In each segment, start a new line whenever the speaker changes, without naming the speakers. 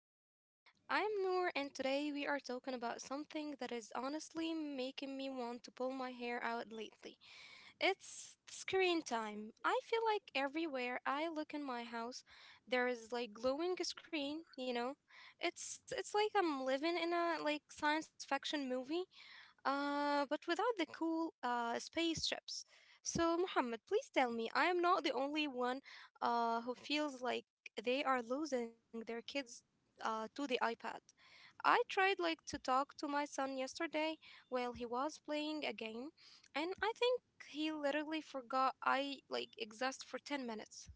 everyone. I'm Noor and today we are talking about something that is honestly making me want to pull my hair out lately. It's screen time. I feel like everywhere I look in my house there is like glowing screen. It's like I'm living in a like science fiction movie but without the cool spaceships. So, Muhammad, please tell me, I am not the only one who feels like they are losing their kids to the iPad. I tried like to talk to my son yesterday while he was playing a game, and I think he literally forgot I like exist for 10 minutes.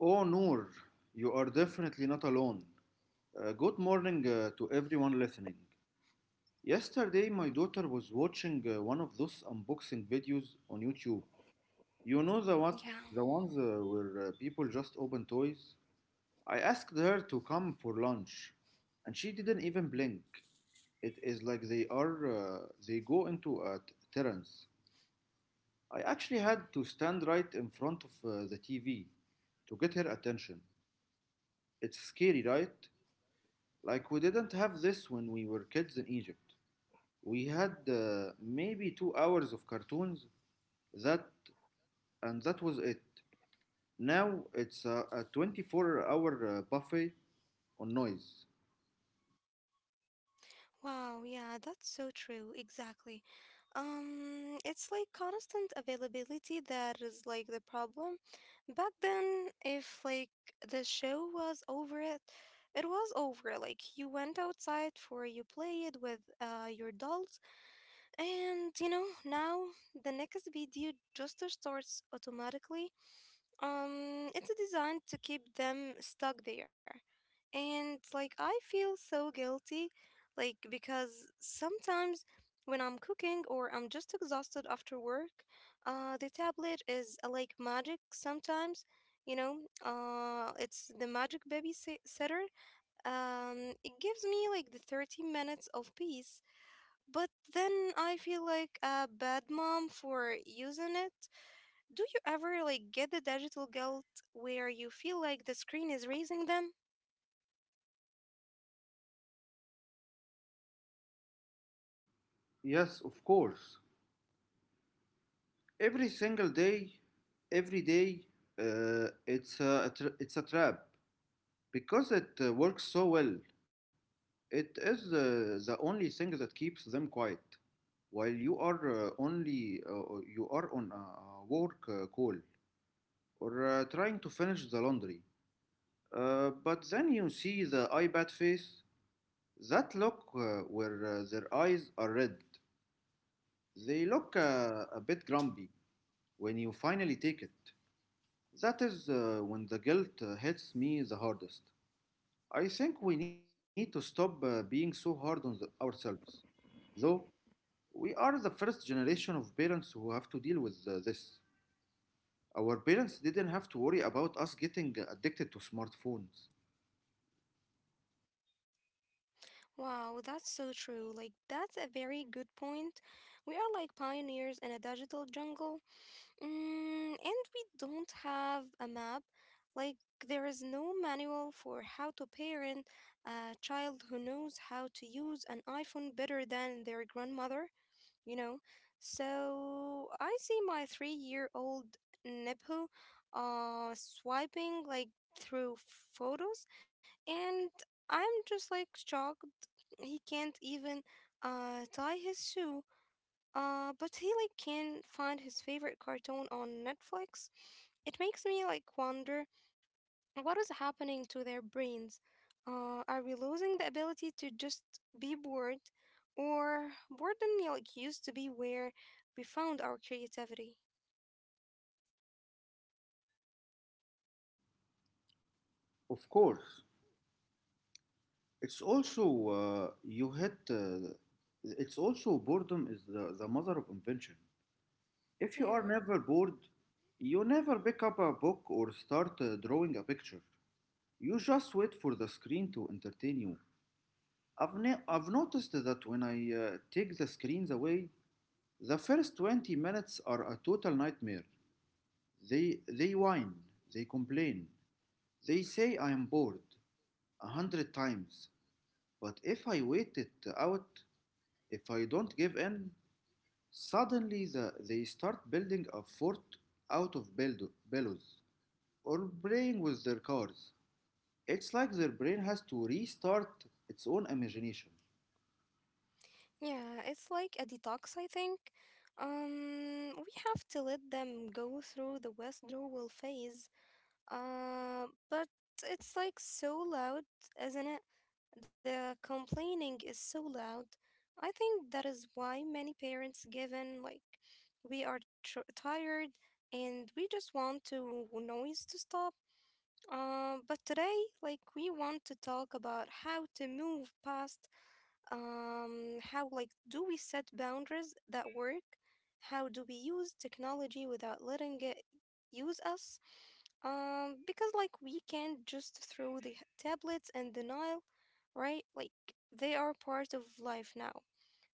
Oh, Noor, you are definitely not alone. Good morning to everyone listening. Yesterday, my daughter was watching one of those unboxing videos on YouTube. You know the what,
Yeah.
the ones where people just open toys. I asked her to come for lunch, and she didn't even blink. It is like they go into a trance. I actually had to stand right in front of the TV to get her attention. It's scary, right? Like we didn't have this when we were kids in Egypt. We had maybe 2 hours of cartoons that and that was it. Now it's a 24-hour buffet on noise.
Wow, yeah, that's so true. Exactly. It's like constant availability that is like the problem. Back then, if like the show was over, it was over. Like you went outside for you played with your dolls, and now the next video just starts automatically. It's designed to keep them stuck there. And like I feel so guilty, like because sometimes when I'm cooking or I'm just exhausted after work, the tablet is like magic sometimes. You know, it's the magic babysitter. It gives me like the 30 minutes of peace, but then I feel like a bad mom for using it. Do you ever like get the digital guilt where you feel like the screen is raising them?
Yes, of course. Every single day, every day, it's it's a trap because it works so well. It is the only thing that keeps them quiet while you are only you are on a work call. Or trying to finish the laundry. But then you see the iPad face, that look where their eyes are red. They look a bit grumpy when you finally take it. That is when the guilt hits me the hardest. I think we need to stop being so hard on ourselves, though we are the first generation of parents who have to deal with this. Our parents didn't have to worry about us getting addicted to smartphones.
Wow, that's so true. Like that's a very good point. We are like pioneers in a digital jungle. And we don't have a map. Like there is no manual for how to parent a child who knows how to use an iPhone better than their grandmother. you know. So I see my 3-year old Nebu swiping like through photos, and I'm just like shocked he can't even tie his shoe. But he like can find his favorite cartoon on Netflix. It makes me like wonder what is happening to their brains? Are we losing the ability to just be bored? Or boredom like used to be where we found our creativity?
Of course. It's also you hit. It's also boredom is the mother of invention. If you are
Yeah.
never bored, you never pick up a book or start drawing a picture. You just wait for the screen to entertain you. I've noticed that when I take the screens away, the first 20 minutes are a total nightmare. They whine, they complain, they say I am bored a hundred times. But if I wait it out, if I don't give in, suddenly they start building a fort out of bellows or playing with their cars. It's like their brain has to restart its own imagination.
Yeah, it's like a detox, I think. We have to let them go through the withdrawal phase. But it's like so loud, isn't it? The complaining is so loud. I think that is why many parents given like we are tired and we just want to noise to stop. But today, like we want to talk about how to move past. How like do we set boundaries that work? How do we use technology without letting it use us? Because like we can't just throw the tablets and the Nile, right? Like they are part of life now.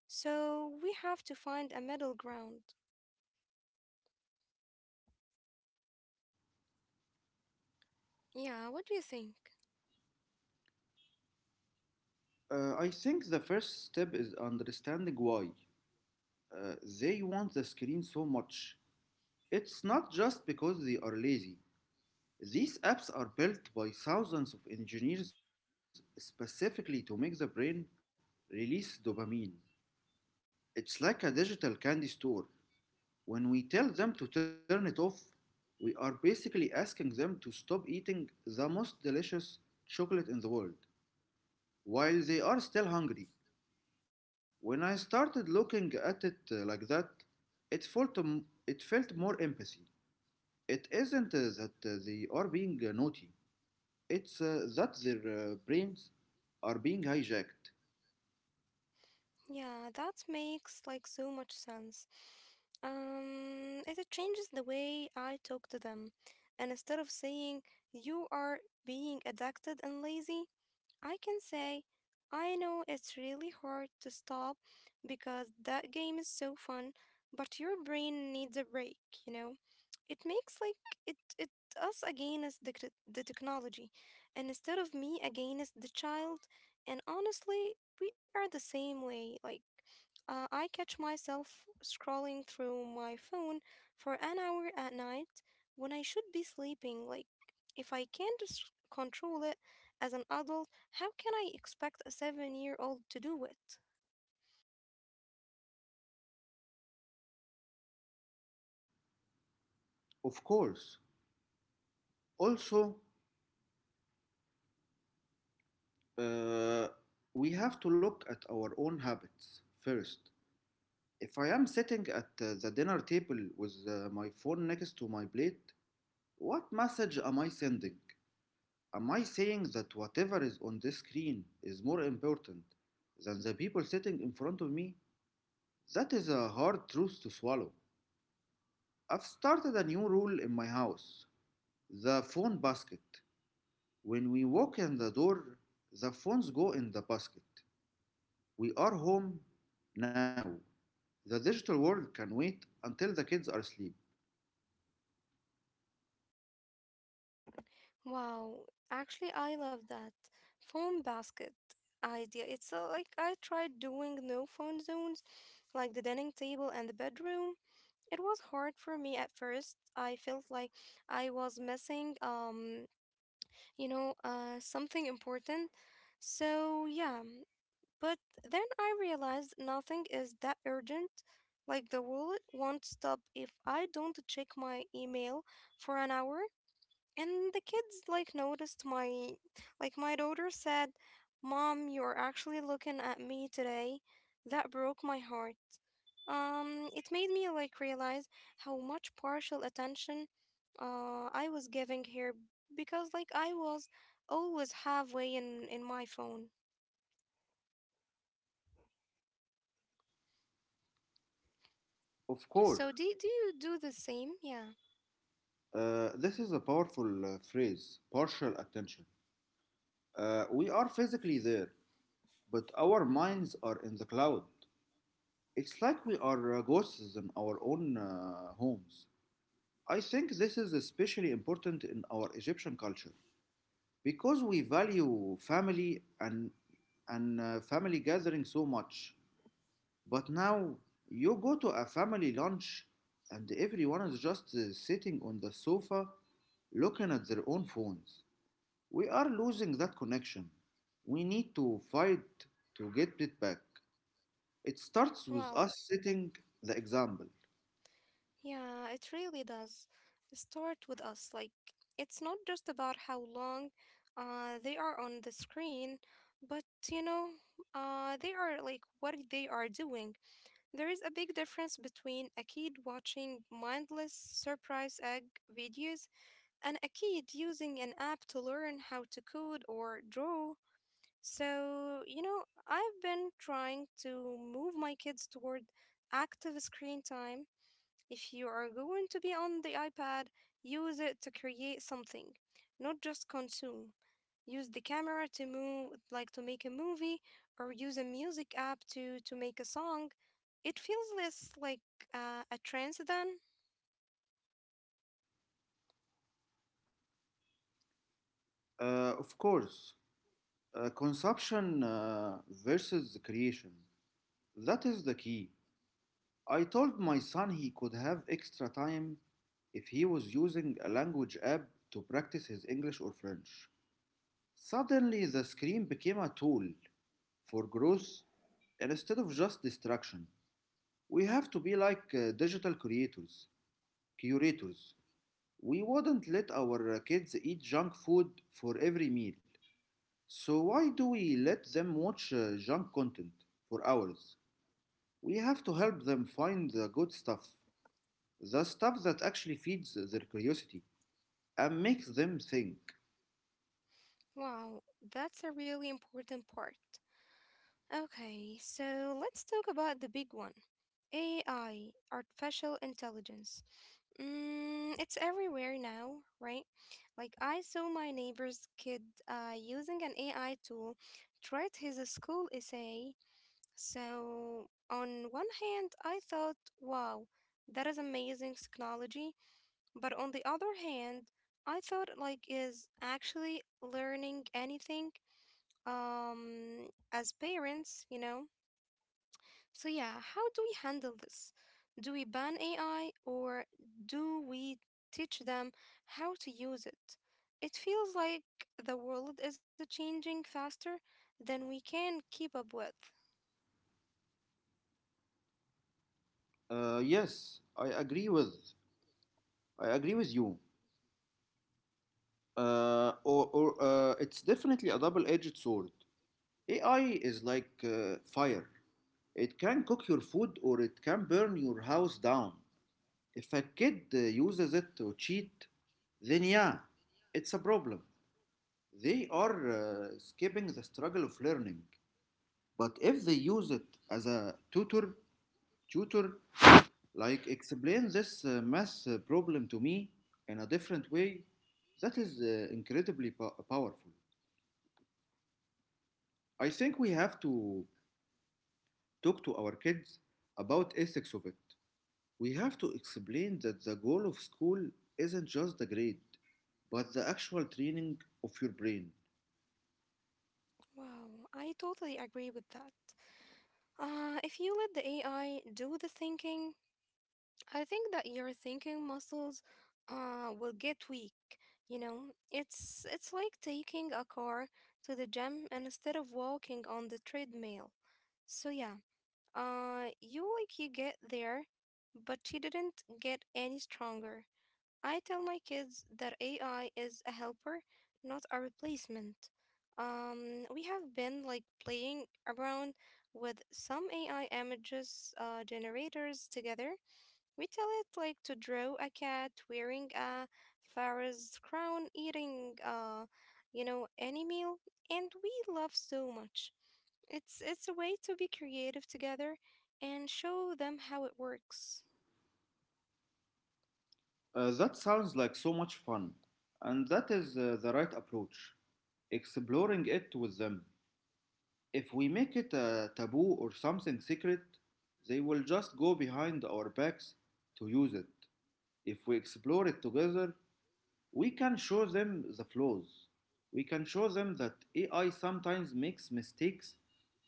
So we have to find a middle ground. Yeah, what do you think?
I think the first step is understanding why uh, they want the screen so much. It's not just because they are lazy. These apps are built by thousands of engineers specifically to make the brain release dopamine. It's like a digital candy store. When we tell them to turn it off, we are basically asking them to stop eating the most delicious chocolate in the world while they are still hungry. When I started looking at it like that, it felt more empathy. It isn't that they are being naughty, it's that their brains are being hijacked.
Yeah, that makes like so much sense. It changes the way I talk to them. And instead of saying you are being addicted and lazy, I can say, I know it's really hard to stop because that game is so fun, but your brain needs a break, you know? It makes like it us against the technology and instead of me against the child. And honestly we are the same way like I catch myself scrolling through my phone for an hour at night when I should be sleeping. Like if I can't control it as an adult, how can I expect a 7-year-old to do it?
Of course. Also, uh, we have to look at our own habits first. If I am sitting at the dinner table with my phone next to my plate, what message am I sending? Am I saying that whatever is on this screen is more important than the people sitting in front of me? That is a hard truth to swallow. I've started a new rule in my house, the phone basket. When we walk in the door, the phones go in the basket. We are home now. The digital world can wait until the kids are asleep.
Wow, actually, I love that phone basket idea. It's like I tried doing no phone zones, like the dining table and the bedroom. It was hard for me at first. I felt like I was missing something important. So yeah, but then I realized nothing is that urgent. Like the world won't stop if I don't check my email for an hour. And the kids like noticed my daughter said, "Mom, you're actually looking at me today." That broke my heart. It made me like realize how much partial attention I was giving her because like I was always halfway in my phone.
Of course.
So do you do the same? Yeah.
This is a powerful phrase, partial attention. We are physically there, but our minds are in the cloud. It's like we are ghosts in our own homes. I think this is especially important in our Egyptian culture because we value family and family gathering so much. But now you go to a family lunch and everyone is just sitting on the sofa looking at their own phones. We are losing that connection. We need to fight to get it back. It starts with
Wow.
us setting the example.
Yeah, it really does start with us. Like, it's not just about how long they are on the screen, but you know, they are like what they are doing. There is a big difference between a kid watching mindless surprise egg videos and a kid using an app to learn how to code or draw. So, I've been trying to move my kids toward active screen time. If you are going to be on the iPad, use it to create something, not just consume. Use the camera to move, like to make a movie, or use a music app to make a song. It feels less like a trance than.
Uh, of course, Consumption versus the creation. That is the key. I told my son he could have extra time if he was using a language app to practice his English or French. Suddenly, the screen became a tool for growth instead of just distraction. We have to be like curators. We wouldn't let our kids eat junk food for every meal. So why do we let them watch junk content for hours? We have to help them find the good stuff, the stuff that actually feeds their curiosity and makes them think.
Wow, that's a really important part. Okay, so let's talk about the big one, AI, artificial intelligence. It's everywhere now, right? Like I saw my neighbor's kid using an AI tool to write his school essay. So on one hand, I thought, wow, that is amazing technology. But on the other hand, I thought like is actually learning anything as parents, you know? So, yeah, how do we handle this? Do we ban AI or do we teach them how to use it? It feels like the world is changing faster than we can keep up with.
Yes, I agree with you. Or It's definitely a double-edged sword. AI is like fire. It can cook your food or it can burn your house down. If a kid uses it to cheat, then yeah, it's a problem. They are skipping the struggle of learning. But if they use it as a tutor, like explain this math problem to me in a different way, that is incredibly powerful. I think we have to talk to our kids about ethics of it. We have to explain that the goal of school isn't just the grade, but the actual training of your brain.
Wow, I totally agree with that. If you let the AI do the thinking, I think that your thinking muscles will get weak. It's like taking a car to the gym and instead of walking on the treadmill. So yeah, you like you get there, but you didn't get any stronger. I tell my kids that AI is a helper, not a replacement. We have been like playing around with some AI images generators together. We tell it like to draw a cat wearing a pharaoh's crown, eating any meal, and we love so much. It's a way to be creative together and show them how it works.
That sounds like so much fun, and that is the right approach. Exploring it with them. If we make it a taboo or something secret, they will just go behind our backs to use it. If we explore it together, we can show them the flaws. We can show them that AI sometimes makes mistakes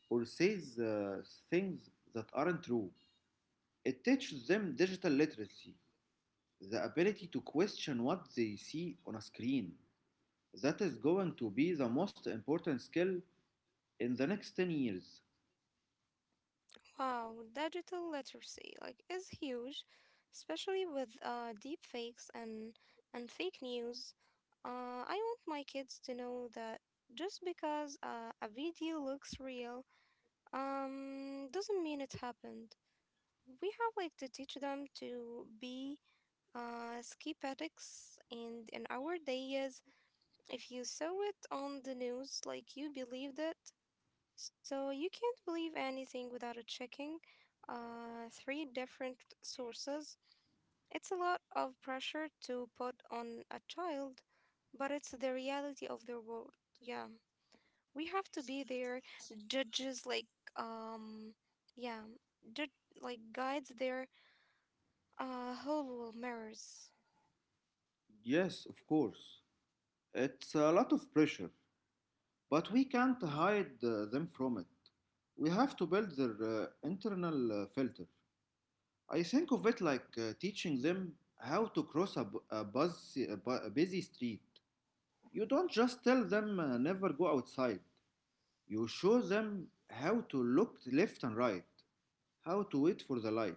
or says things that aren't true. It teaches them digital literacy, the ability to question what they see on a screen. That is going to be the most important skill in the next 10 years.
Wow, digital literacy like is huge, especially with deep fakes and fake news. I want my kids to know that just because a video looks real, doesn't mean it happened. We have like to teach them to be ski addicts, and in our days, if you saw it on the news, like you believed it. So you can't believe anything without a checking three different sources. It's a lot of pressure to put on a child, but it's the reality of their world. Yeah, we have to be there judges like um yeah, like guides their whole mirrors.
Yes, of course. It's a lot of pressure, but we can't hide them from it. We have to build their internal filter. I think of it like teaching them how to cross a, bu- a, buzz, a, bu- a busy street. You don't just tell them never go outside. You show them how to look left and right, how to wait for the light,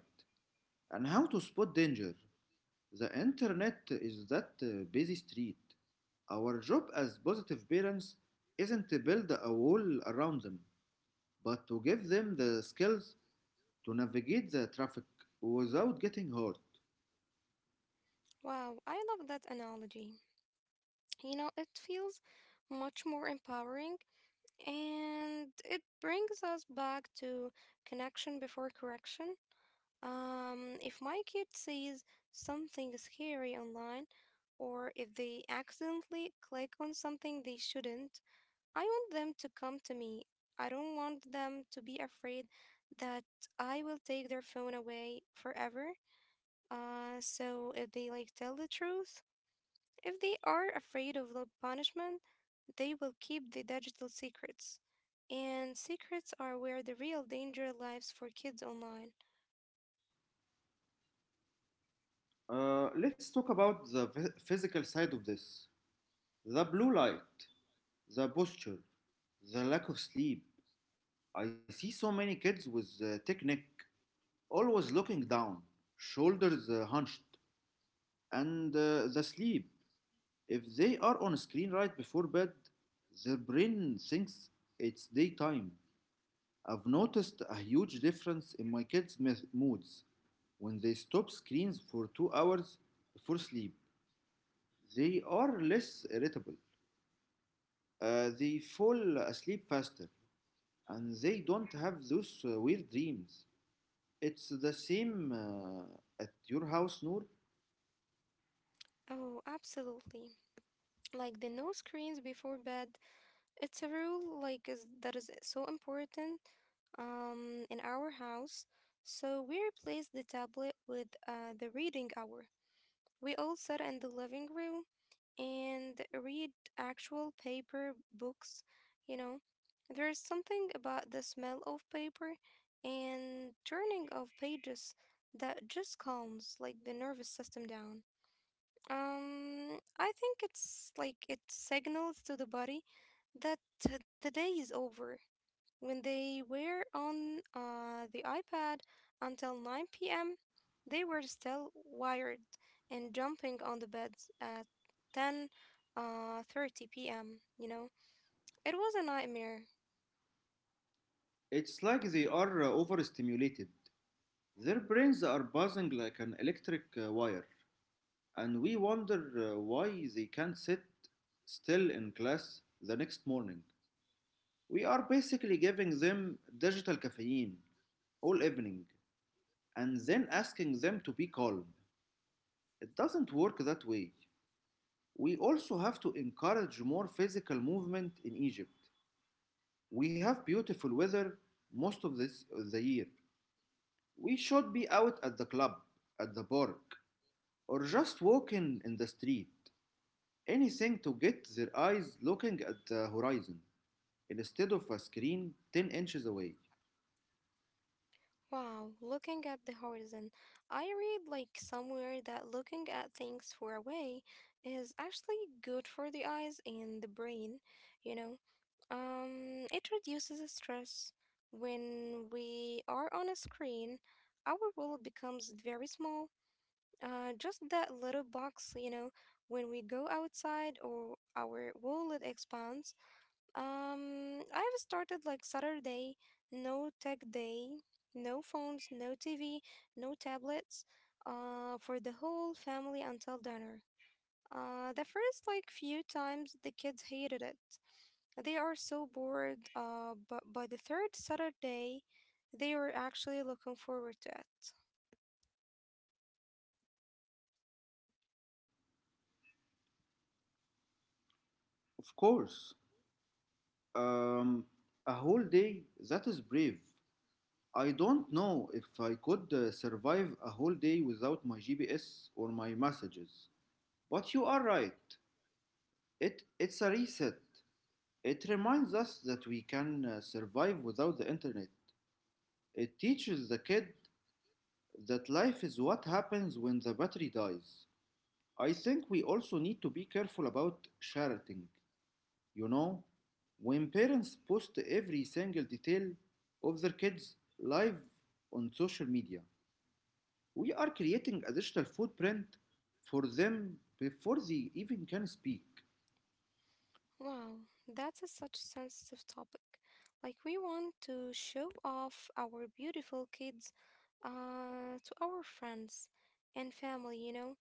and how to spot danger. The internet is that busy street. Our job as positive parents isn't to build a wall around them, but to give them the skills to navigate the traffic without getting hurt.
Wow, I love that analogy. It feels much more empowering, and it brings us back to connection before correction. If my kid sees something scary online, or if they accidentally click on something they shouldn't, I want them to come to me. I don't want them to be afraid that I will take their phone away forever. So if they like tell the truth, if they are afraid of the punishment, they will keep the digital secrets. And secrets are where the real danger lies for kids online.
Let's talk about the physical side of this. The blue light, the posture, the lack of sleep. I see so many kids with thick neck, always looking down, shoulders hunched, and the sleep. If they are on screen right before bed, their brain thinks it's daytime. I've noticed a huge difference in my kids' moods. When they stop screens for 2 hours before sleep, they are less irritable. They fall asleep faster and they don't have those weird dreams. It's the same at your house, Noor.
Oh, absolutely. Like the no screens before bed. It's a rule like is that is so important in our house. So we replaced the tablet with the reading hour. We all sat in the living room and read actual paper books, you know. There is something about the smell of paper and turning of pages that just calms like the nervous system down. I think it's like it signals to the body that the day is over. When they were on the iPad until 9 p.m., they were still wired and jumping on the beds at 10 30 p.m., you know? It was a nightmare.
It's like they are overstimulated. Their brains are buzzing like an electric wire, and we wonder why they can't sit still in class the next morning. We are basically giving them digital caffeine all evening and then asking them to be calm. It doesn't work that way. We also have to encourage more physical movement in Egypt. We have beautiful weather most of this the year. We should be out at the club, at the park, or just walking in the street. Anything to get their eyes looking at the horizon instead of a screen 10 inches away.
Wow, looking at the horizon. I read like somewhere that looking at things far away is actually good for the eyes and the brain, you know. It reduces the stress. When we are on a screen, our world becomes very small. Just that little box. When we go outside or our world expands, I've started like Saturday, no tech day, no phones, no TV, no tablets, for the whole family until dinner. The first like few times the kids hated it. They are so bored, but by the third Saturday, they were actually looking forward to it.
Of course, um, a whole day, that is brave. I don't know if I could survive a whole day without my GPS or my messages. But you are right. It's a reset. It reminds us that we can survive without the internet. It teaches the kid that life is what happens when the battery dies. I think we also need to be careful about sharing. You know, when parents post every single detail of their kids live on social media, we are creating a digital footprint for them before they even can speak.
Wow, that's a such sensitive topic. Like we want to show off our beautiful kids to our friends and family,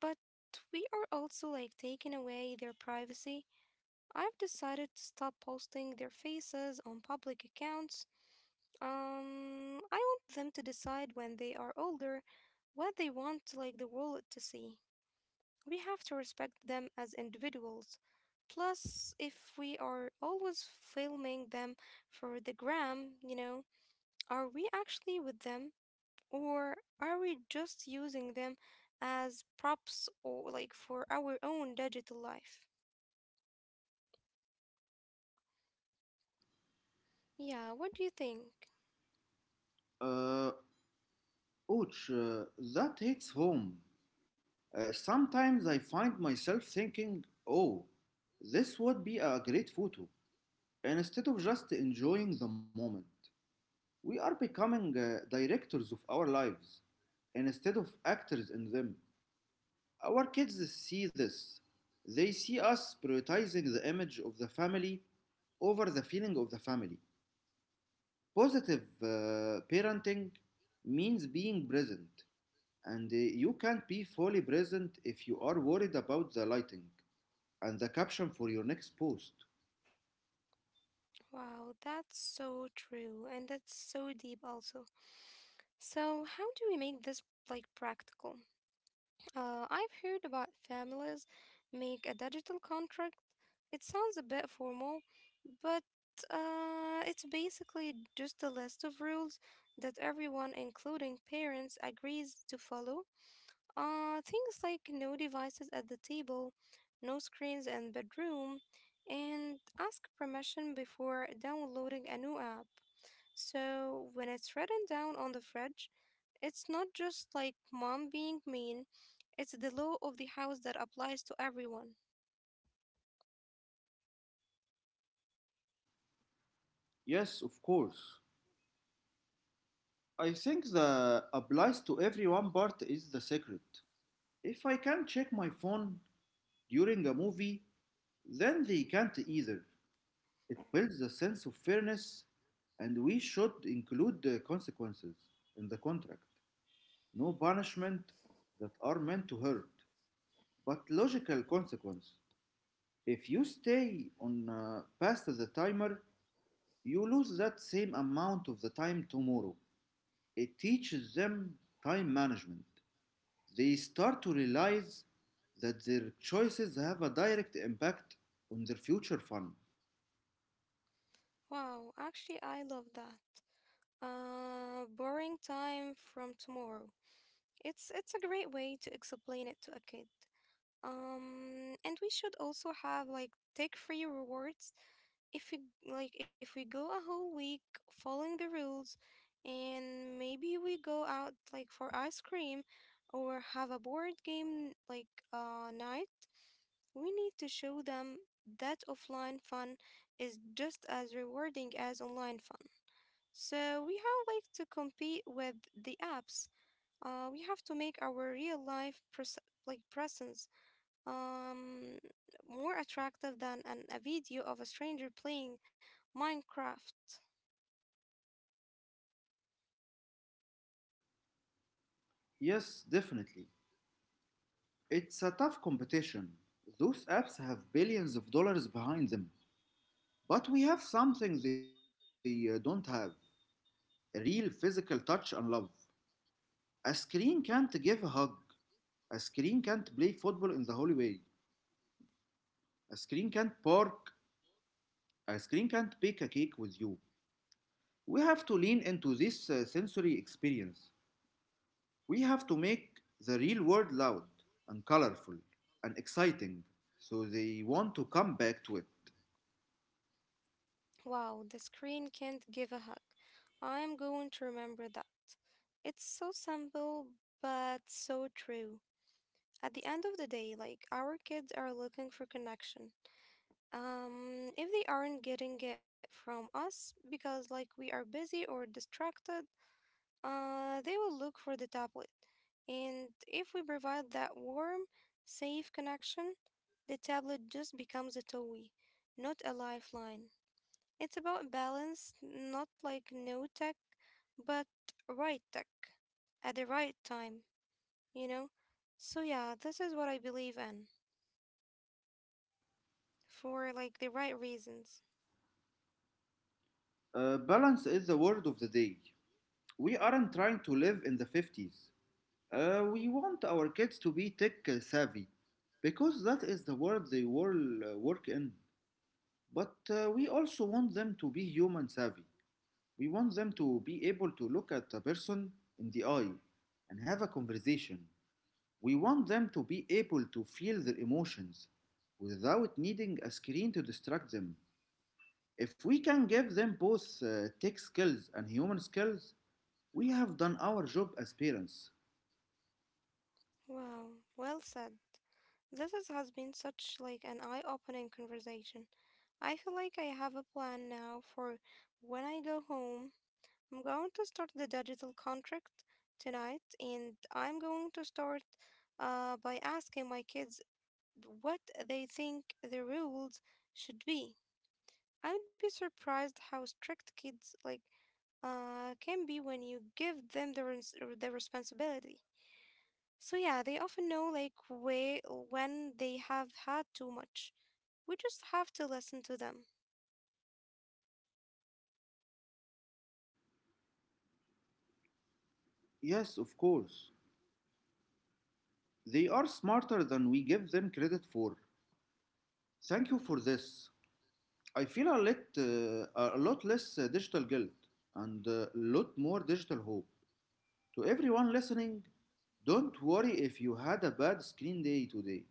but we are also like taking away their privacy. I've decided to stop posting their faces on public accounts. I want them to decide when they are older what they want the world to see. We have to respect them as individuals. Plus, if we are always filming them for the gram, are we actually with them? Or are we just using them as props or for our own digital life? Yeah, what do you think?
Uh, Ouch, that hits home. Sometimes I find myself thinking, oh, this would be a great photo, instead of just enjoying the moment. We are becoming directors of our lives, instead of actors in them. Our kids see this. They see us prioritizing the image of the family over the feeling of the family. Positive parenting means being present. And you can't be fully present if you are worried about the lighting and the caption for your next post.
Wow, that's so true and that's so deep also. So, how do we make this practical? I've heard about families make a digital contract. It sounds a bit formal, but it's basically just a list of rules that everyone, including parents, agrees to follow. Things like no devices at the table, no screens in bedroom, and ask permission before downloading a new app. So when it's written down on the fridge, it's not just like mom being mean, it's the law of the house that applies to everyone.
Yes, of course. I think the applies to everyone part is the secret. If I can't check my phone during a movie, then they can't either. It builds a sense of fairness, and we should include the consequences in the contract. No punishment that are meant to hurt, but logical consequence. If you stay on past the timer, you lose that same amount of the time tomorrow. It teaches them time management. They start to realize that their choices have a direct impact on their future fun.
Wow, actually I love that. Borrowing time from tomorrow. It's a great way to explain it to a kid. And we should also have like tech-free rewards if we like if we go a whole week following the rules, and maybe we go out like for ice cream or have a board game like night. We need to show them that offline fun is just as rewarding as online fun, so we have like to compete with the apps. We have to make our like presence, um, more attractive than a video of a stranger playing Minecraft.
Yes, definitely. It's a tough competition. Those apps have billions of dollars behind them. But we have something they don't have, a real physical touch and love. A screen can't give a hug. A screen can't play football in the hallway. A screen can't park. A screen can't bake a cake with you. We have to lean into this sensory experience. We have to make the real world loud and colorful and exciting so they want to come back to it.
Wow, the screen can't give a hug. I am going to remember that. It's so simple, but so true. At the end of the day, like, our kids are looking for connection. If they aren't getting it from us because, like, we are busy or distracted, they will look for the tablet. And if we provide that warm, safe connection, the tablet just becomes a toy, not a lifeline. It's about balance, not like no tech, but right tech at the right time, you know? So, yeah, this is what I believe in for like the right reasons.
Balance is the word of the day. We aren't trying to live in the 50s. We want our kids to be tech savvy because that is the world they will work in. But we also want them to be human savvy. We want them to be able to look at a person in the eye and have a conversation. We want them to be able to feel their emotions without needing a screen to distract them. If we can give them both tech skills and human skills, we have done our job as parents.
Wow, well said. Has been such like an eye-opening conversation. I feel like I have a plan now for when I go home. I'm going to start the digital contract tonight, and I'm going to start by asking my kids what they think the rules should be. I would be surprised how strict kids like can be when you give them the responsibility. So yeah, they often know like way when they have had too much. We just have to listen to them.
Yes, of course. They are smarter than we give them credit for. Thank you for this. I feel a lot less digital guilt and a lot more digital hope. To everyone listening, don't worry if you had a bad screen day today.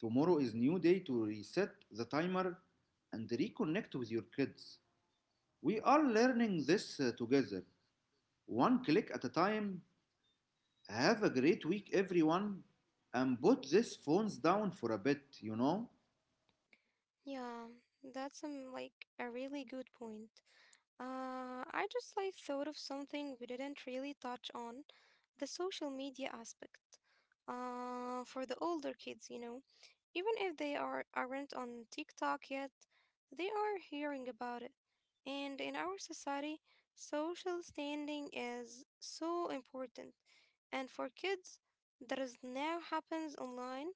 Tomorrow is new day to reset the timer and reconnect with your kids. We are learning this together, one click at a time. Have a great week, everyone, and put these phones down for a bit, you know?
Yeah, that's like a really good point. I just like thought of something we didn't really touch on, the social media aspect. For the older kids, you know, even if they aren't on TikTok yet, they are hearing about it. And in our society, social standing is so important. And for kids, that is now happens online.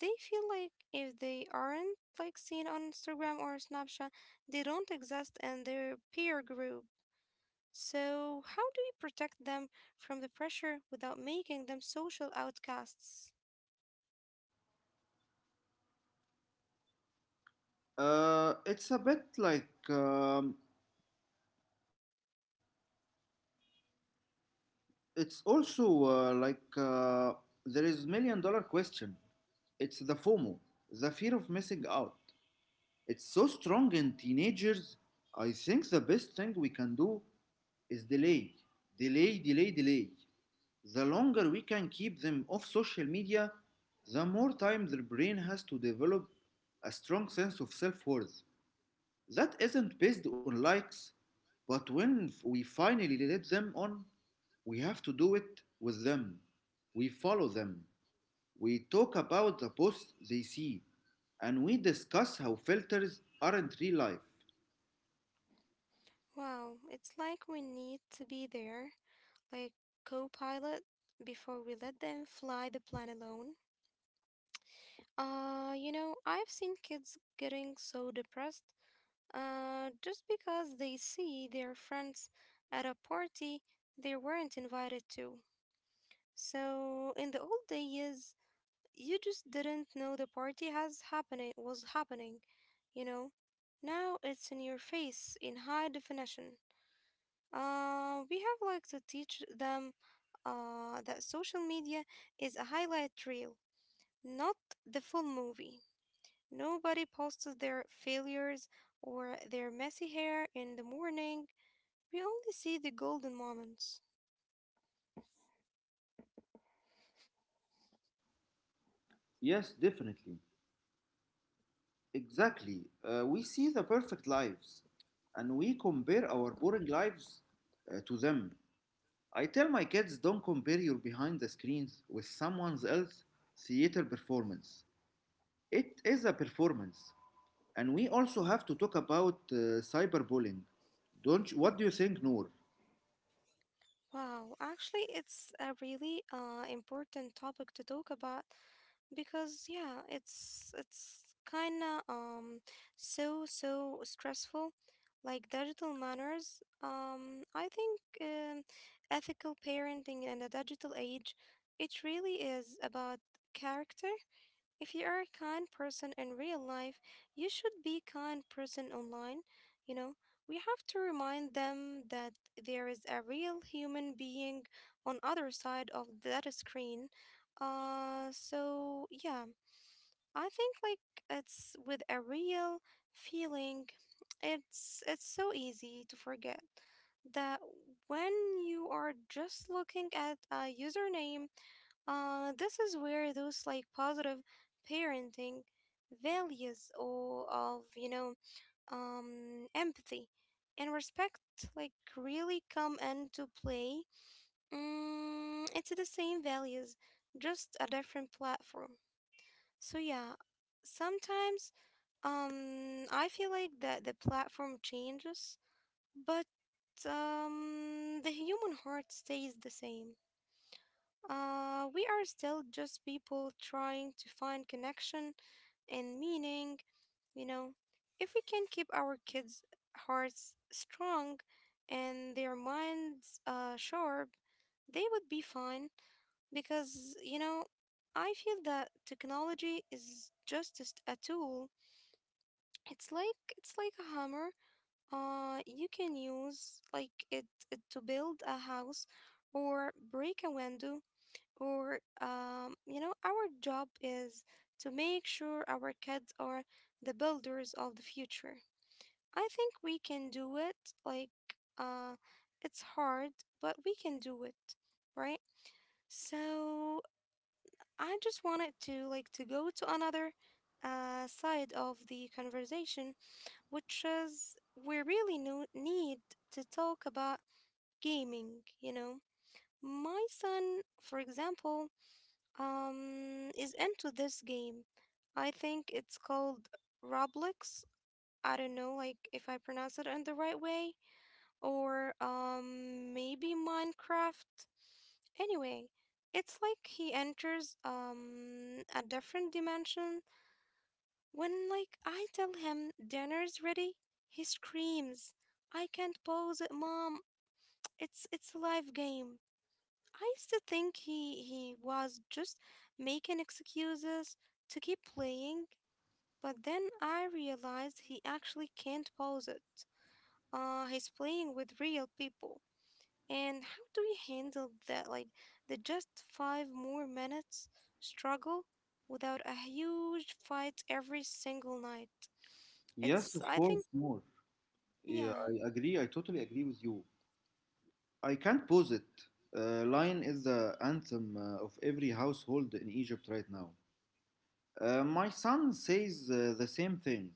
They feel like if they aren't like seen on Instagram or Snapchat, they don't exist in their peer group. So how do we protect them from the pressure without making them social outcasts?
It's a bit like it's also like There is million-dollar question. It's the fomo, the fear of missing out. It's so strong in teenagers. I think the best thing we can do is delay, delay, delay. The longer we can keep them off social media, the more time their brain has to develop a strong sense of self-worth that isn't based on likes. But when we finally let them on, we have to do it with them. We follow them. We talk about the posts they see, and we discuss how filters aren't real life.
Wow, it's like we need to be there, like co-pilot before we let them fly the plane alone. You know, I've seen kids getting so depressed, just because they see their friends at a party they weren't invited to. So in the old days, you just didn't know the party has happening was happening, you know. Now it's in your face in high definition. We have like to teach them that social media is a highlight reel, not the full movie. Nobody posts their failures or their messy hair in the morning. We only see the golden moments.
Yes, definitely. Exactly. We see the perfect lives, and we compare our boring lives to them. I tell my kids, don't compare your behind the screens with someone else's theater performance. It is a performance, and we also have to talk about cyberbullying. Don't you, what do you think, Noor?
Wow, actually, it's a really important topic to talk about because yeah, it's kind of so stressful. Like digital manners, I think ethical parenting in a digital age, it really is about character. If you are a kind person in real life, you should be kind person online. You know, we have to remind them that there is a real human being on other side of that screen. So yeah, I think like it's with a real feeling. It's so easy to forget that when you are just looking at a username. This is where those like positive parenting values or of empathy and respect like really come into play. It's the same values, just a different platform. So yeah, sometimes I feel like that the platform changes, but the human heart stays the same. We are still just people trying to find connection and meaning, you know. If we can keep our kids' hearts strong and their minds sharp, they would be fine because, you know, I feel that technology is just a tool. It's like a hammer. You can use it to build a house or break a window or you know, our job is to make sure our kids are the builders of the future. I think we can do it, like uh, it's hard, but we can do it, right? So I just wanted to to go to another side of the conversation, which is we really need to talk about gaming, you know. My son, for example, is into this game. I think it's called Roblox. I don't know like if I pronounce it in the right way, or maybe Minecraft. Anyway, it's like he enters a different dimension. When like I tell him dinner's ready, he screams, "I can't pause it, mom. It's a live game." I used to think he was just making excuses to keep playing, but then I realized he actually can't pause it. He's playing with real people. And how do we handle that? Like the just five more minutes struggle without a huge fight every single night.
Yes,
It's
of
I think
course, Noor. Yeah,
yeah.
I agree. I totally agree with you. I can't pose it. Lion is the anthem of every household in Egypt right now. My son says the same thing.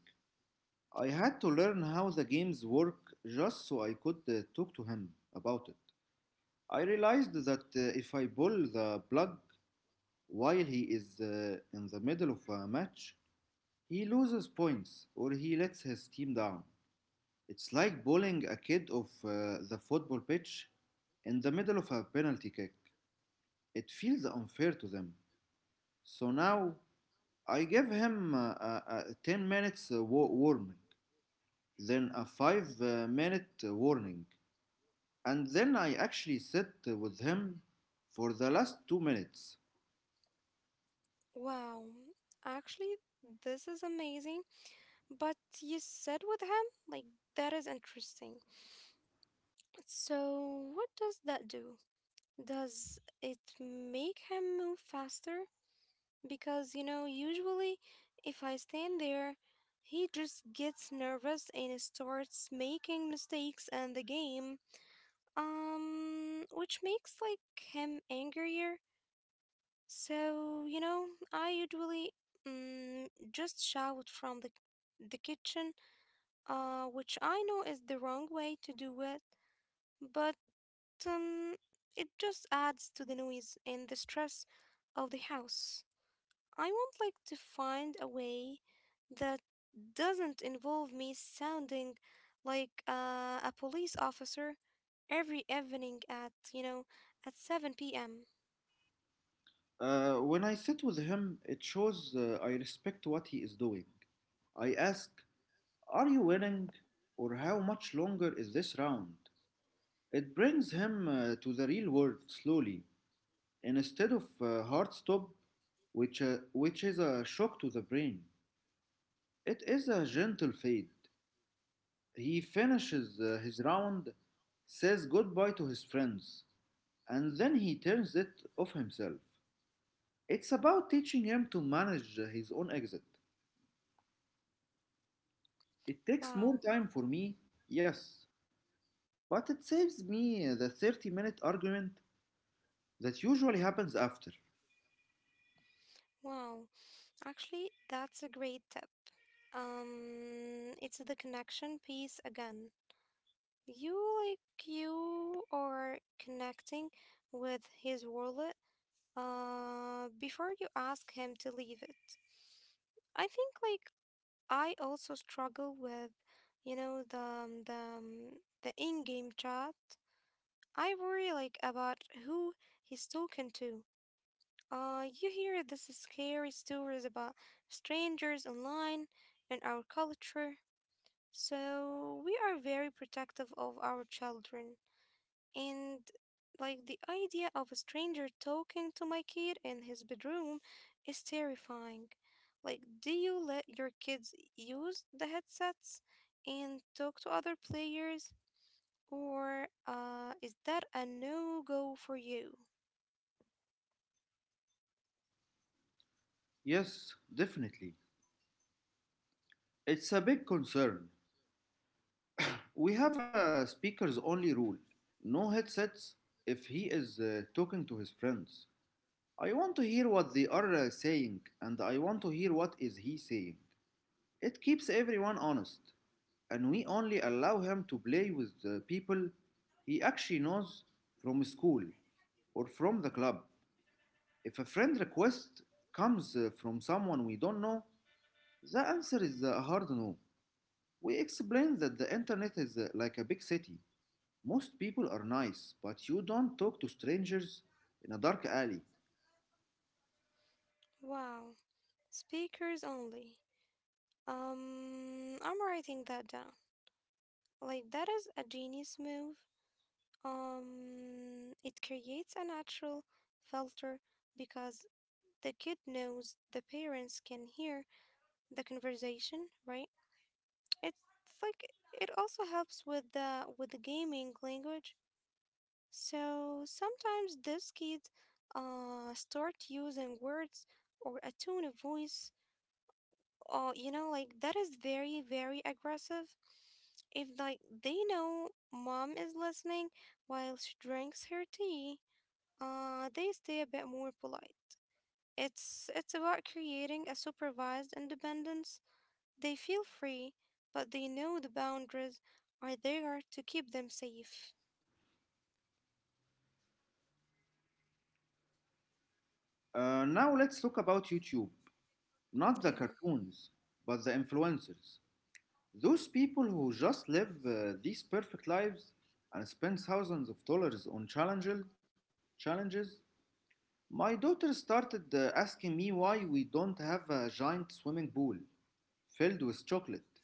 I had to learn how the games work just so I could talk to him about it. I realized that if I pull the plug while he is in the middle of a match, he loses points or he lets his team down. It's like bowling a kid off the football pitch in the middle of a penalty kick. It feels unfair to them. So now I give him a 10 minutes warming, then a 5 minute warning, and then I actually sit with him for the last 2 minutes.
Wow. Actually, this is amazing. But you said with him like that is interesting. So, what does that do? Does it make him move faster? Because, you know, usually if I stand there, he just gets nervous and starts making mistakes in the game, which makes like him angrier. So, you know, I usually just shout from the kitchen, which I know is the wrong way to do it, but um, it just adds to the noise and the stress of the house. I want like to find a way that doesn't involve me sounding like a police officer every evening at, you know, at 7 p.m.
When I sit with him, it shows I respect what he is doing. I ask, are you winning? Or how much longer is this round? It brings him to the real world slowly, and instead of hard stop, which is a shock to the brain. It is a gentle fade. He finishes his round, says goodbye to his friends, and then he turns it off himself. It's about teaching him to manage his own exit. It takes more
Wow.
time for me, yes, but it saves me the 30-minute minute argument that usually happens after.
Wow. Actually, that's a great tip. It's the connection piece again. You like you are connecting with his world before you ask him to leave it. I think like I also struggle with, you know, the in-game chat. I worry like about who he's talking to. You hear this scary stories about strangers online and our culture, so we are very protective of our children. And like the idea of a stranger talking to my kid in his bedroom is terrifying. Like, do you let your kids use the headsets and talk to other players? Or is that a no go for you?
Yes, definitely. It's a big concern. We have a speakers only rule, no headsets, if he is talking to his friends. I want to hear what they are saying and I want to hear what is he saying. It keeps everyone honest, and we only allow him to play with the people he actually knows from school or from the club. If a friend request comes from someone we don't know, the answer is a hard no. We explain that the internet is like a big city. Most people are nice, but you don't talk to strangers in a dark alley.
Wow, speakers only. I'm writing that down. Like, that is a genius move. It creates a natural filter because the kid knows the parents can hear the conversation, right? It's like it also helps with the gaming language. So sometimes these kids start using words or a tone of voice, you know, like that is very very aggressive. If like they know mom is listening while she drinks her tea, they stay a bit more polite. It's about creating a supervised independence. They feel free, but they know the boundaries are there to keep them safe.
Now let's talk about YouTube. Not the
Yeah.
cartoons, but the influencers. Those people who just live these perfect lives and spend thousands of dollars on challenges. My daughter started asking me why we don't have a giant swimming pool filled with chocolate.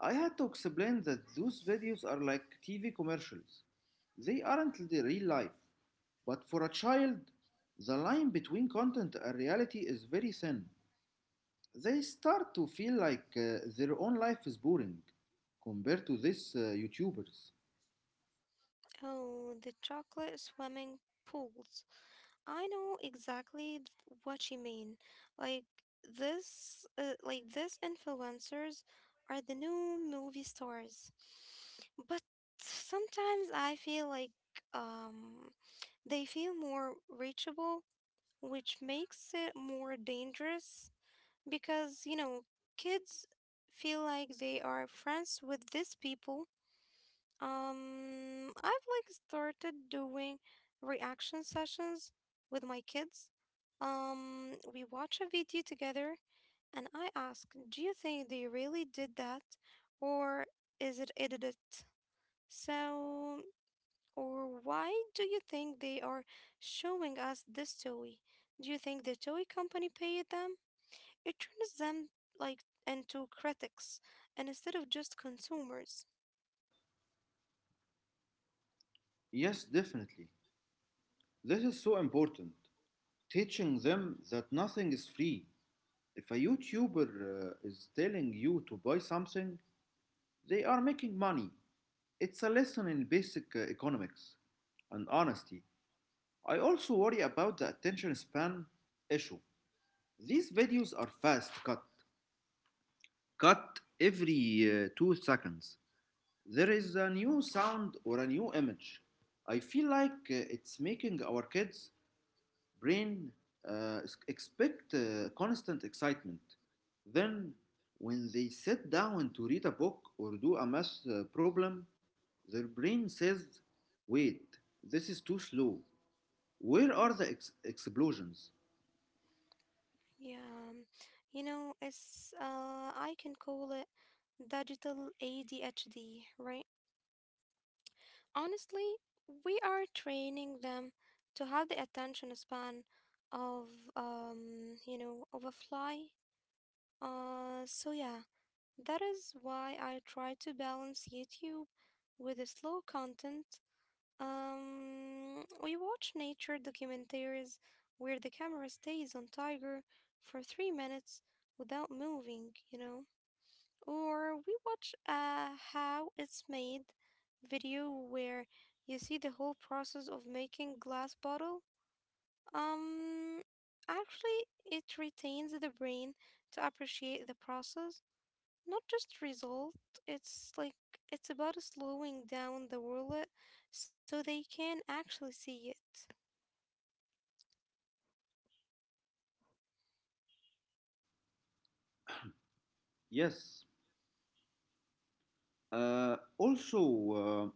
I had to explain that those videos are like TV commercials. They aren't the real life. But for a child, the line between content and reality is very thin. They start to feel like their own life is boring compared to these YouTubers.
Oh, the chocolate swimming pools. I know exactly what you mean. Like like this influencers are the new movie stars. But sometimes I feel like um they feel more reachable, which makes it more dangerous because, you know, kids feel like they are friends with these people. I've like started doing reaction sessions with my kids. We watch a video together and I ask, do you think they really did that, or is it edited? So, or why do you think they are showing us this toy? Do you think the toy company paid them? It turns them like into critics and instead of just consumers.
Yes, definitely. This is so important. Teaching them that nothing is free. If a YouTuber is telling you to buy something, they are making money. It's a lesson in basic economics and honesty. I also worry about the attention span issue. These videos are fast cut every 2 seconds. There is a new sound or a new image. I feel like it's making our kids brain uh, expect constant excitement. Then, when they sit down to read a book or do a math problem, their brain says, wait, this is too slow. Where are the explosions?
Yeah, um, you know, it's I can call it digital ADHD, right? Honestly, we are training them to have the attention span of of a fly. So yeah. That is why I try to balance YouTube with the slow content. We watch nature documentaries where the camera stays on tiger for 3 minutes without moving, you know. Or we watch a how it's made video where you see the whole process of making glass bottle. Um, Actually, it retains the brain to appreciate the process, not just result. It's like it's about slowing down the world so they can actually see it.
Yes. Also, uh,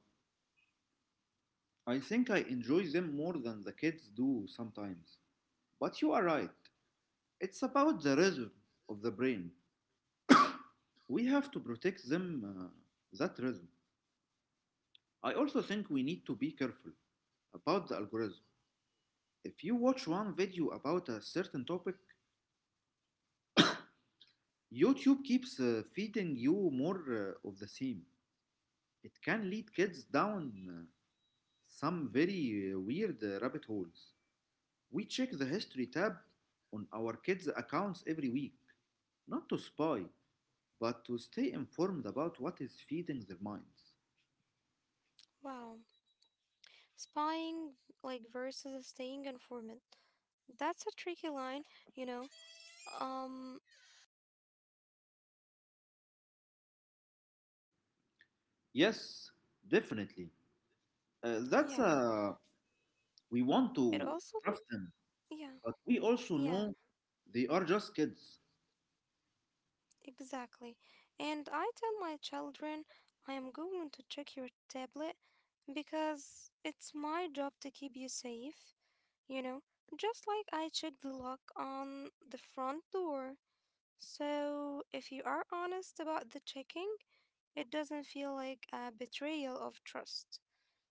I think I enjoy them more than the kids do sometimes. But you are right. It's about the rhythm of the brain. We have to protect them, that rhythm. I also think we need to be careful about the algorithm. If you watch one video about a certain topic, YouTube keeps feeding you more of the same. It can lead kids down some very weird rabbit holes. We check the history tab on our kids' accounts every week, not to spy, but to stay informed about what is feeding their minds.
Wow. Spying like versus staying informant, that's a tricky line, you know um
Yes, definitely.
yeah,
That's We
it
want
also
to
like
draft them,
yeah,
but we also
yeah,
know they are just kids.
exactly. And I tell my children, I am going to check your tablet because it's my job to keep you safe, you know, just like I check the lock on the front door. So, if you are honest about the checking, it doesn't feel like a betrayal of trust.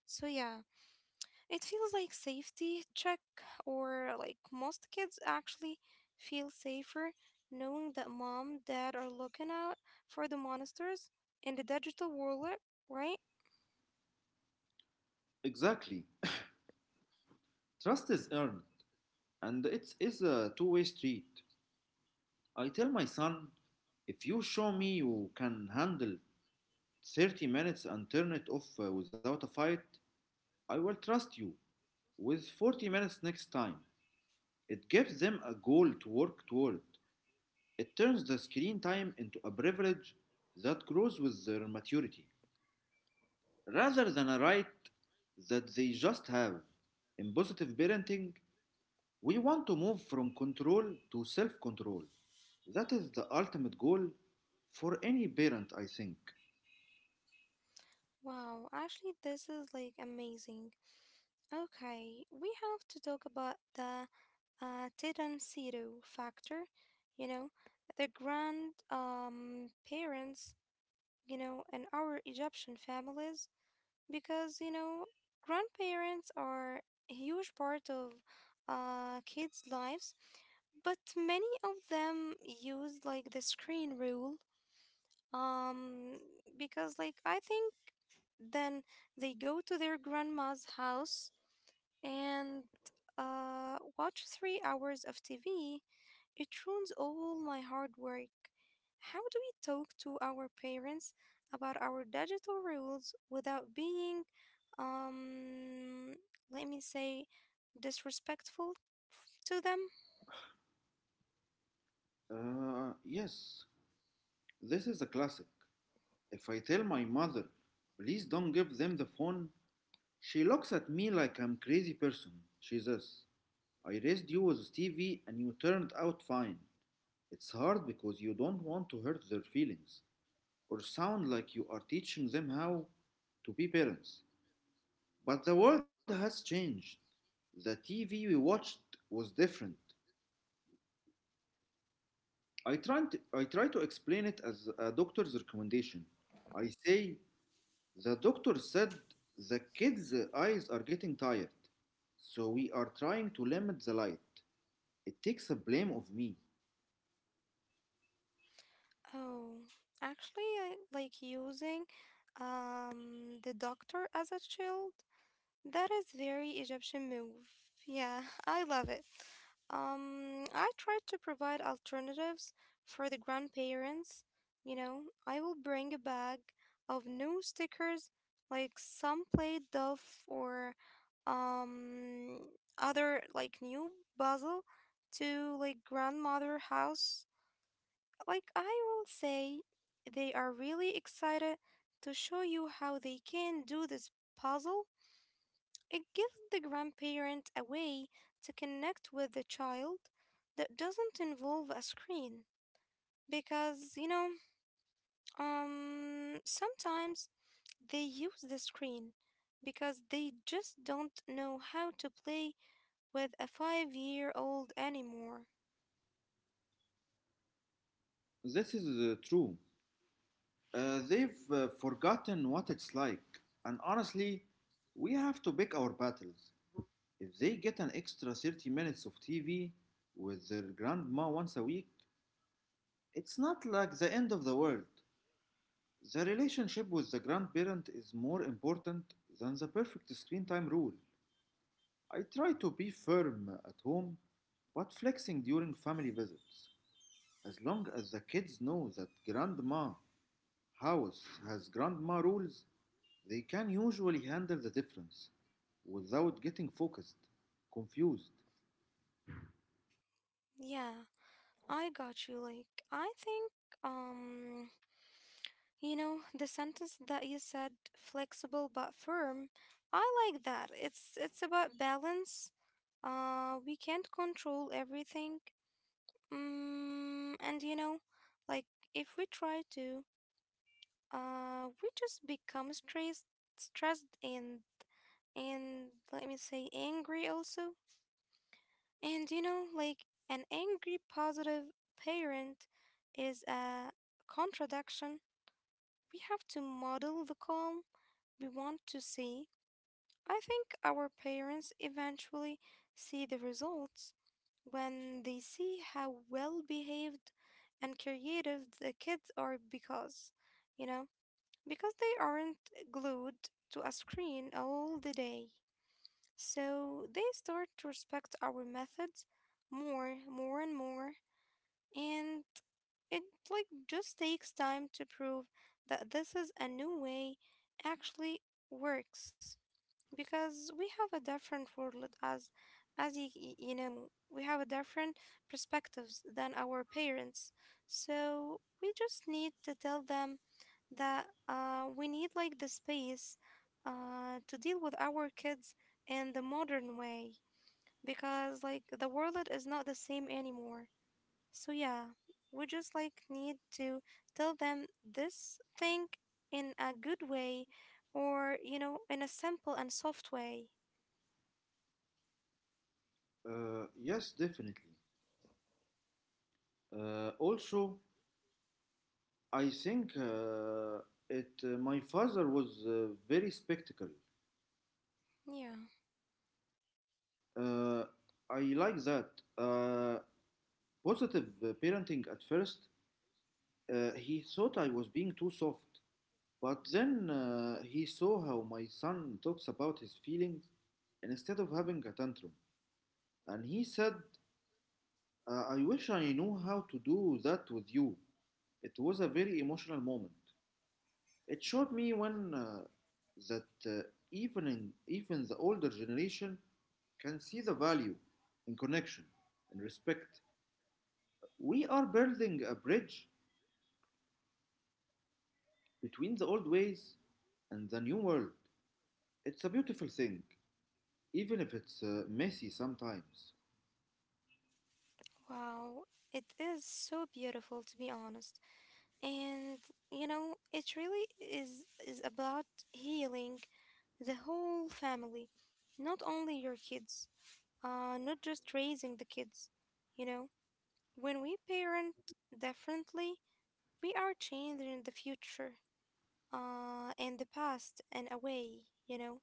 So, yeah, it feels like safety check, or like most kids actually feel safer knowing that mom, dad are looking out for the monsters in the digital wallet, right?
Exactly. Trust is earned, and it is a two-way street. I tell my son, if you show me you can handle 30 minutes and turn it off without a fight, I will trust you with 40 minutes next time. It gives them a goal to work toward. It turns the screen time into a privilege that grows with their maturity, rather than a right that they just have. In positive parenting, we want to move from control to self control. That is the ultimate goal for any parent, I think.
Wow, actually, this is like amazing. Okay, we have to talk about the Titan Zero factor, you know, the grand parents, you know, in our Egyptian families, because, you know, grandparents are a huge part of kids' lives, but many of them use like the screen rule, um, because, like, I think then they go to their grandma's house and watch 3 hours of TV. It ruins all my hard work. How do we talk to our parents about our digital rules without being, um, let me say, disrespectful to them?
Yes, this is a classic. If I tell my mother, please don't give them the phone, she looks at me like I'm a crazy person. She says, I raised you with Stevie and you turned out fine. It's hard because you don't want to hurt their feelings or sound like you are teaching them how to be parents. But the world has changed. The TV we watched was different. I try to explain it as a doctor's recommendation. I say, the doctor said the kids' eyes are getting tired, so we are trying to limit the light. It takes the blame of me.
Oh, actually, I like using the doctor as a shield. That is very Egyptian move. Yeah, I love it. I try to provide alternatives for the grandparents. You know, I will bring a bag of new stickers, like some play Dove or um other like new puzzle to like grandmother house. Like I will say, they are really excited to show you how they can do this puzzle. It gives the grandparent a way to connect with the child that doesn't involve a screen because sometimes they use the screen because they just don't know how to play with a 5-year-old anymore.
This is true. They've forgotten what it's like, and honestly, we have to pick our battles. If they get an extra 30 minutes of TV with their grandma once a week, it's not like the end of the world. The relationship with the grandparent is more important than the perfect screen time rule. I try to be firm at home, but flexing during family visits. As long as the kids know that grandma house has grandma rules, they can usually handle the difference without confused.
Yeah, I got you. Like I think um you know, the sentence that you said, flexible but firm, I like that. It's about balance. We can't control everything. Mm, and you know, like if we try to, we just become stressed, stressed and let me say angry also. And you know, like an angry positive parent is a contradiction. We have to model the calm we want to see. I think our parents eventually see the results when they see how well behaved and creative the kids are because, you know, because they aren't glued to a screen all the day. So they start to respect our methods more and more, and it like just takes time to prove that this is a new way actually works, because we have a different world as as, you know, we have a different perspectives than our parents, so we just need to tell them that we need like the space to deal with our kids in the modern way because like the world is not the same anymore. So yeah, we just like need to tell them this thing in a good way or you know in a simple and soft way.
Yes, definitely. Also, I think it. My father was very spectacle.
Yeah,
Uh, I like that. Uh, Positive parenting at first. He thought I was being too soft, but then he saw how my son talks about his feelings instead of having a tantrum, and he said, "I wish I knew how to do that with you." It was a very emotional moment. It showed me when that even even the older generation can see the value in connection and respect. We are building a bridge between the old ways and the new world. It's a beautiful thing, even if it's messy sometimes.
wow. It is so beautiful to be honest. And you know, it really is about healing the whole family, not only your kids. Not just raising the kids, you know. When we parent differently, we are changing the future, and the past in a way, you know.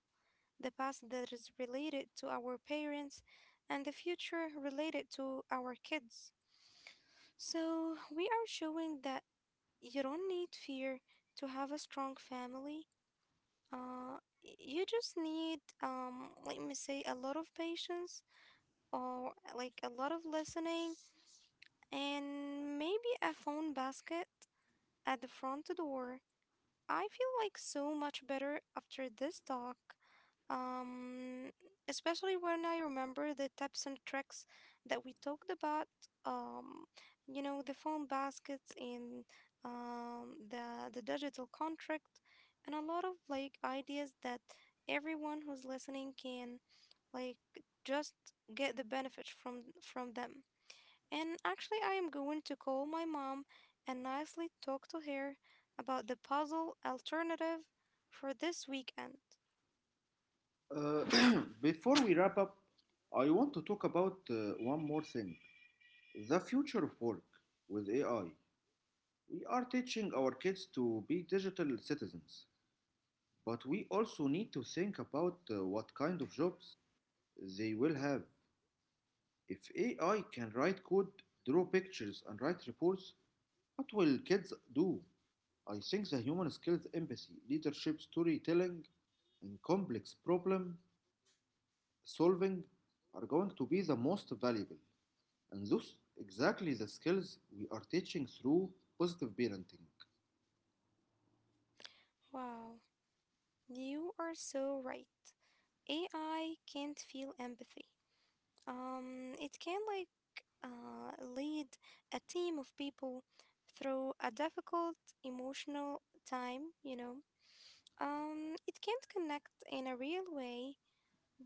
The past that is related to our parents and the future related to our kids. So, we are showing that you don't need fear to have a strong family. You just need, let me say, a lot of patience or like a lot of listening and maybe a phone basket at the front door. I feel like so much better after this talk. Um, Especially when I remember the tips and tricks that we talked about. Um, you know, the phone baskets and the digital contract, and a lot of like ideas that everyone who's listening can like just get the benefit from them. And actually, I am going to call my mom and nicely talk to her about the puzzle alternative for this weekend.
Uh, Before we wrap up, I want to talk about one more thing, the future of work with AI. We are teaching our kids to be digital citizens. But we also need to think about what kind of jobs they will have. If AI can write code, draw pictures, and write reports, what will kids do? I think the human skills, empathy, leadership, storytelling, and complex problem solving are going to be the most valuable. And those exactly the skills we are teaching through positive parenting.
Wow, you are so right. AI can't feel empathy. It can like lead a team of people through a difficult emotional time, you know. It can't connect in a real way.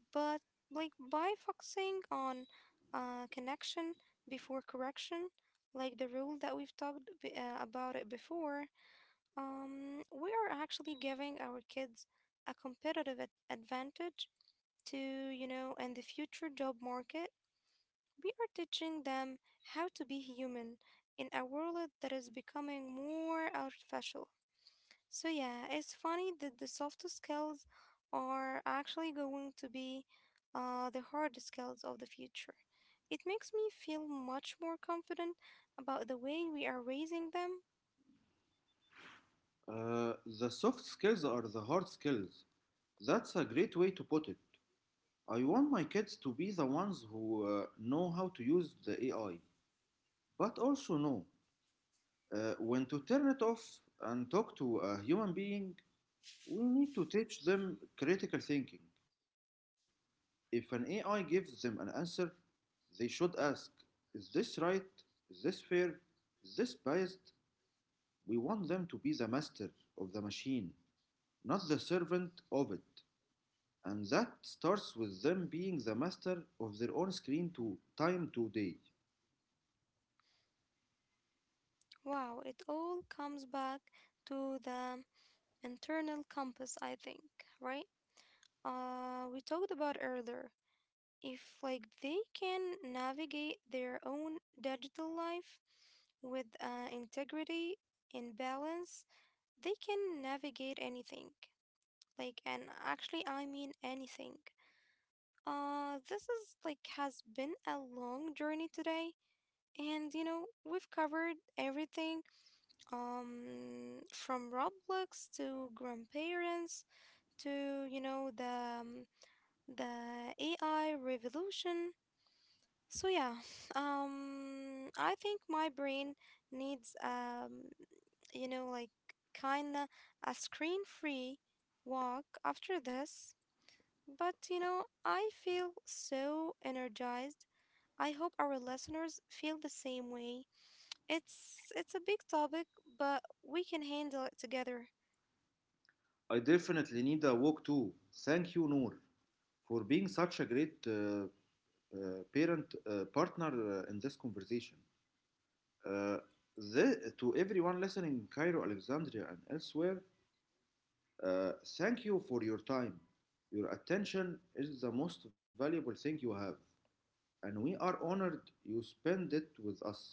But like by focusing on connection before correction, like the rule that we've talked about it before, we are actually giving our kids a competitive advantage to, you know, in the future job market. We are teaching them how to be human in a world that is becoming more artificial. So yeah, it's funny that the soft skills are actually going to be the hard skills of the future. It makes me feel much more confident about the way we are raising them.
Uh, the soft skills are the hard skills. That's a great way to put it. I want my kids to be the ones who know how to use the AI, but also know when to turn it off and talk to a human being. We need to teach them critical thinking. If an AI gives them an answer, they should ask, is this right? Is this fair? Is this biased? We want them to be the master of the machine, not the servant of it. And that starts with them being the master of their own screen to time today.
Wow, it all comes back to the internal compass, I think, right? We talked about earlier. If like they can navigate their own digital life with integrity and balance, they can navigate anything. Like, and actually, I mean anything. This is like has been a long journey today, and you know, we've covered everything from Roblox to grandparents to you know the AI revolution. So yeah, I think my brain needs you know, like kinda a screen-free walk after this. But you know, I feel so energized. I hope our listeners feel the same way. It's a big topic, but we can handle it together.
I definitely need a walk too. Thank you, Noor, for being such a great parent partner in this conversation. Uh, to everyone listening in Cairo, Alexandria, and elsewhere, uh, thank you for your time. Your attention is the most valuable thing you have, and we are honored you spend it with us.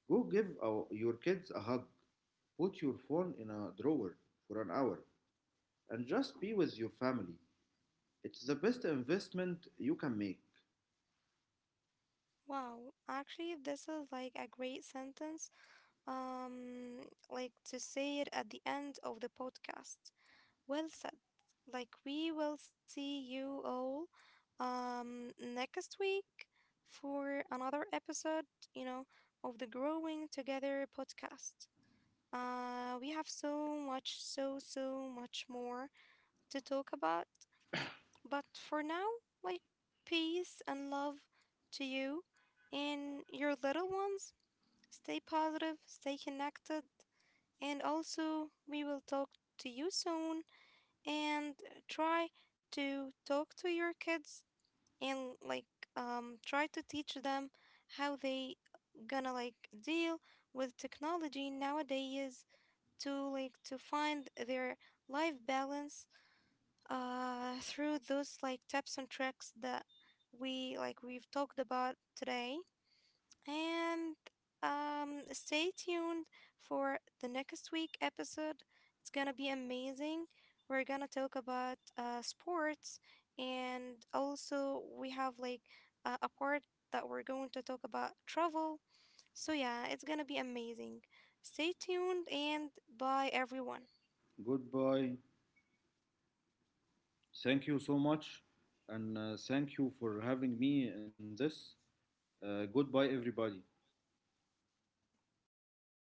Your kids a hug, put your phone in a drawer for an hour, and just be with your family. It's the best investment you can make.
Wow, actually, this is like a great sentence. Um, like to say it at the end of the podcast. Well said. Like we will see you all next week for another episode, you know, of the Growing Together podcast. We have so so much more to talk about, but for now, like peace and love to you and your little ones. Stay positive, stay connected, and also we will talk to you soon and try to talk to your kids and like try to teach them how they gonna like deal with technology nowadays to like to find their life balance through those like tips and tricks that we've talked about today and, stay tuned for the next week episode. It's gonna be amazing. We're gonna talk about sports, and also we have like a part that we're going to talk about travel. So yeah, it's gonna be amazing. Stay tuned and bye everyone.
Goodbye. Thank you so much. And thank you for having me in this. Goodbye, everybody.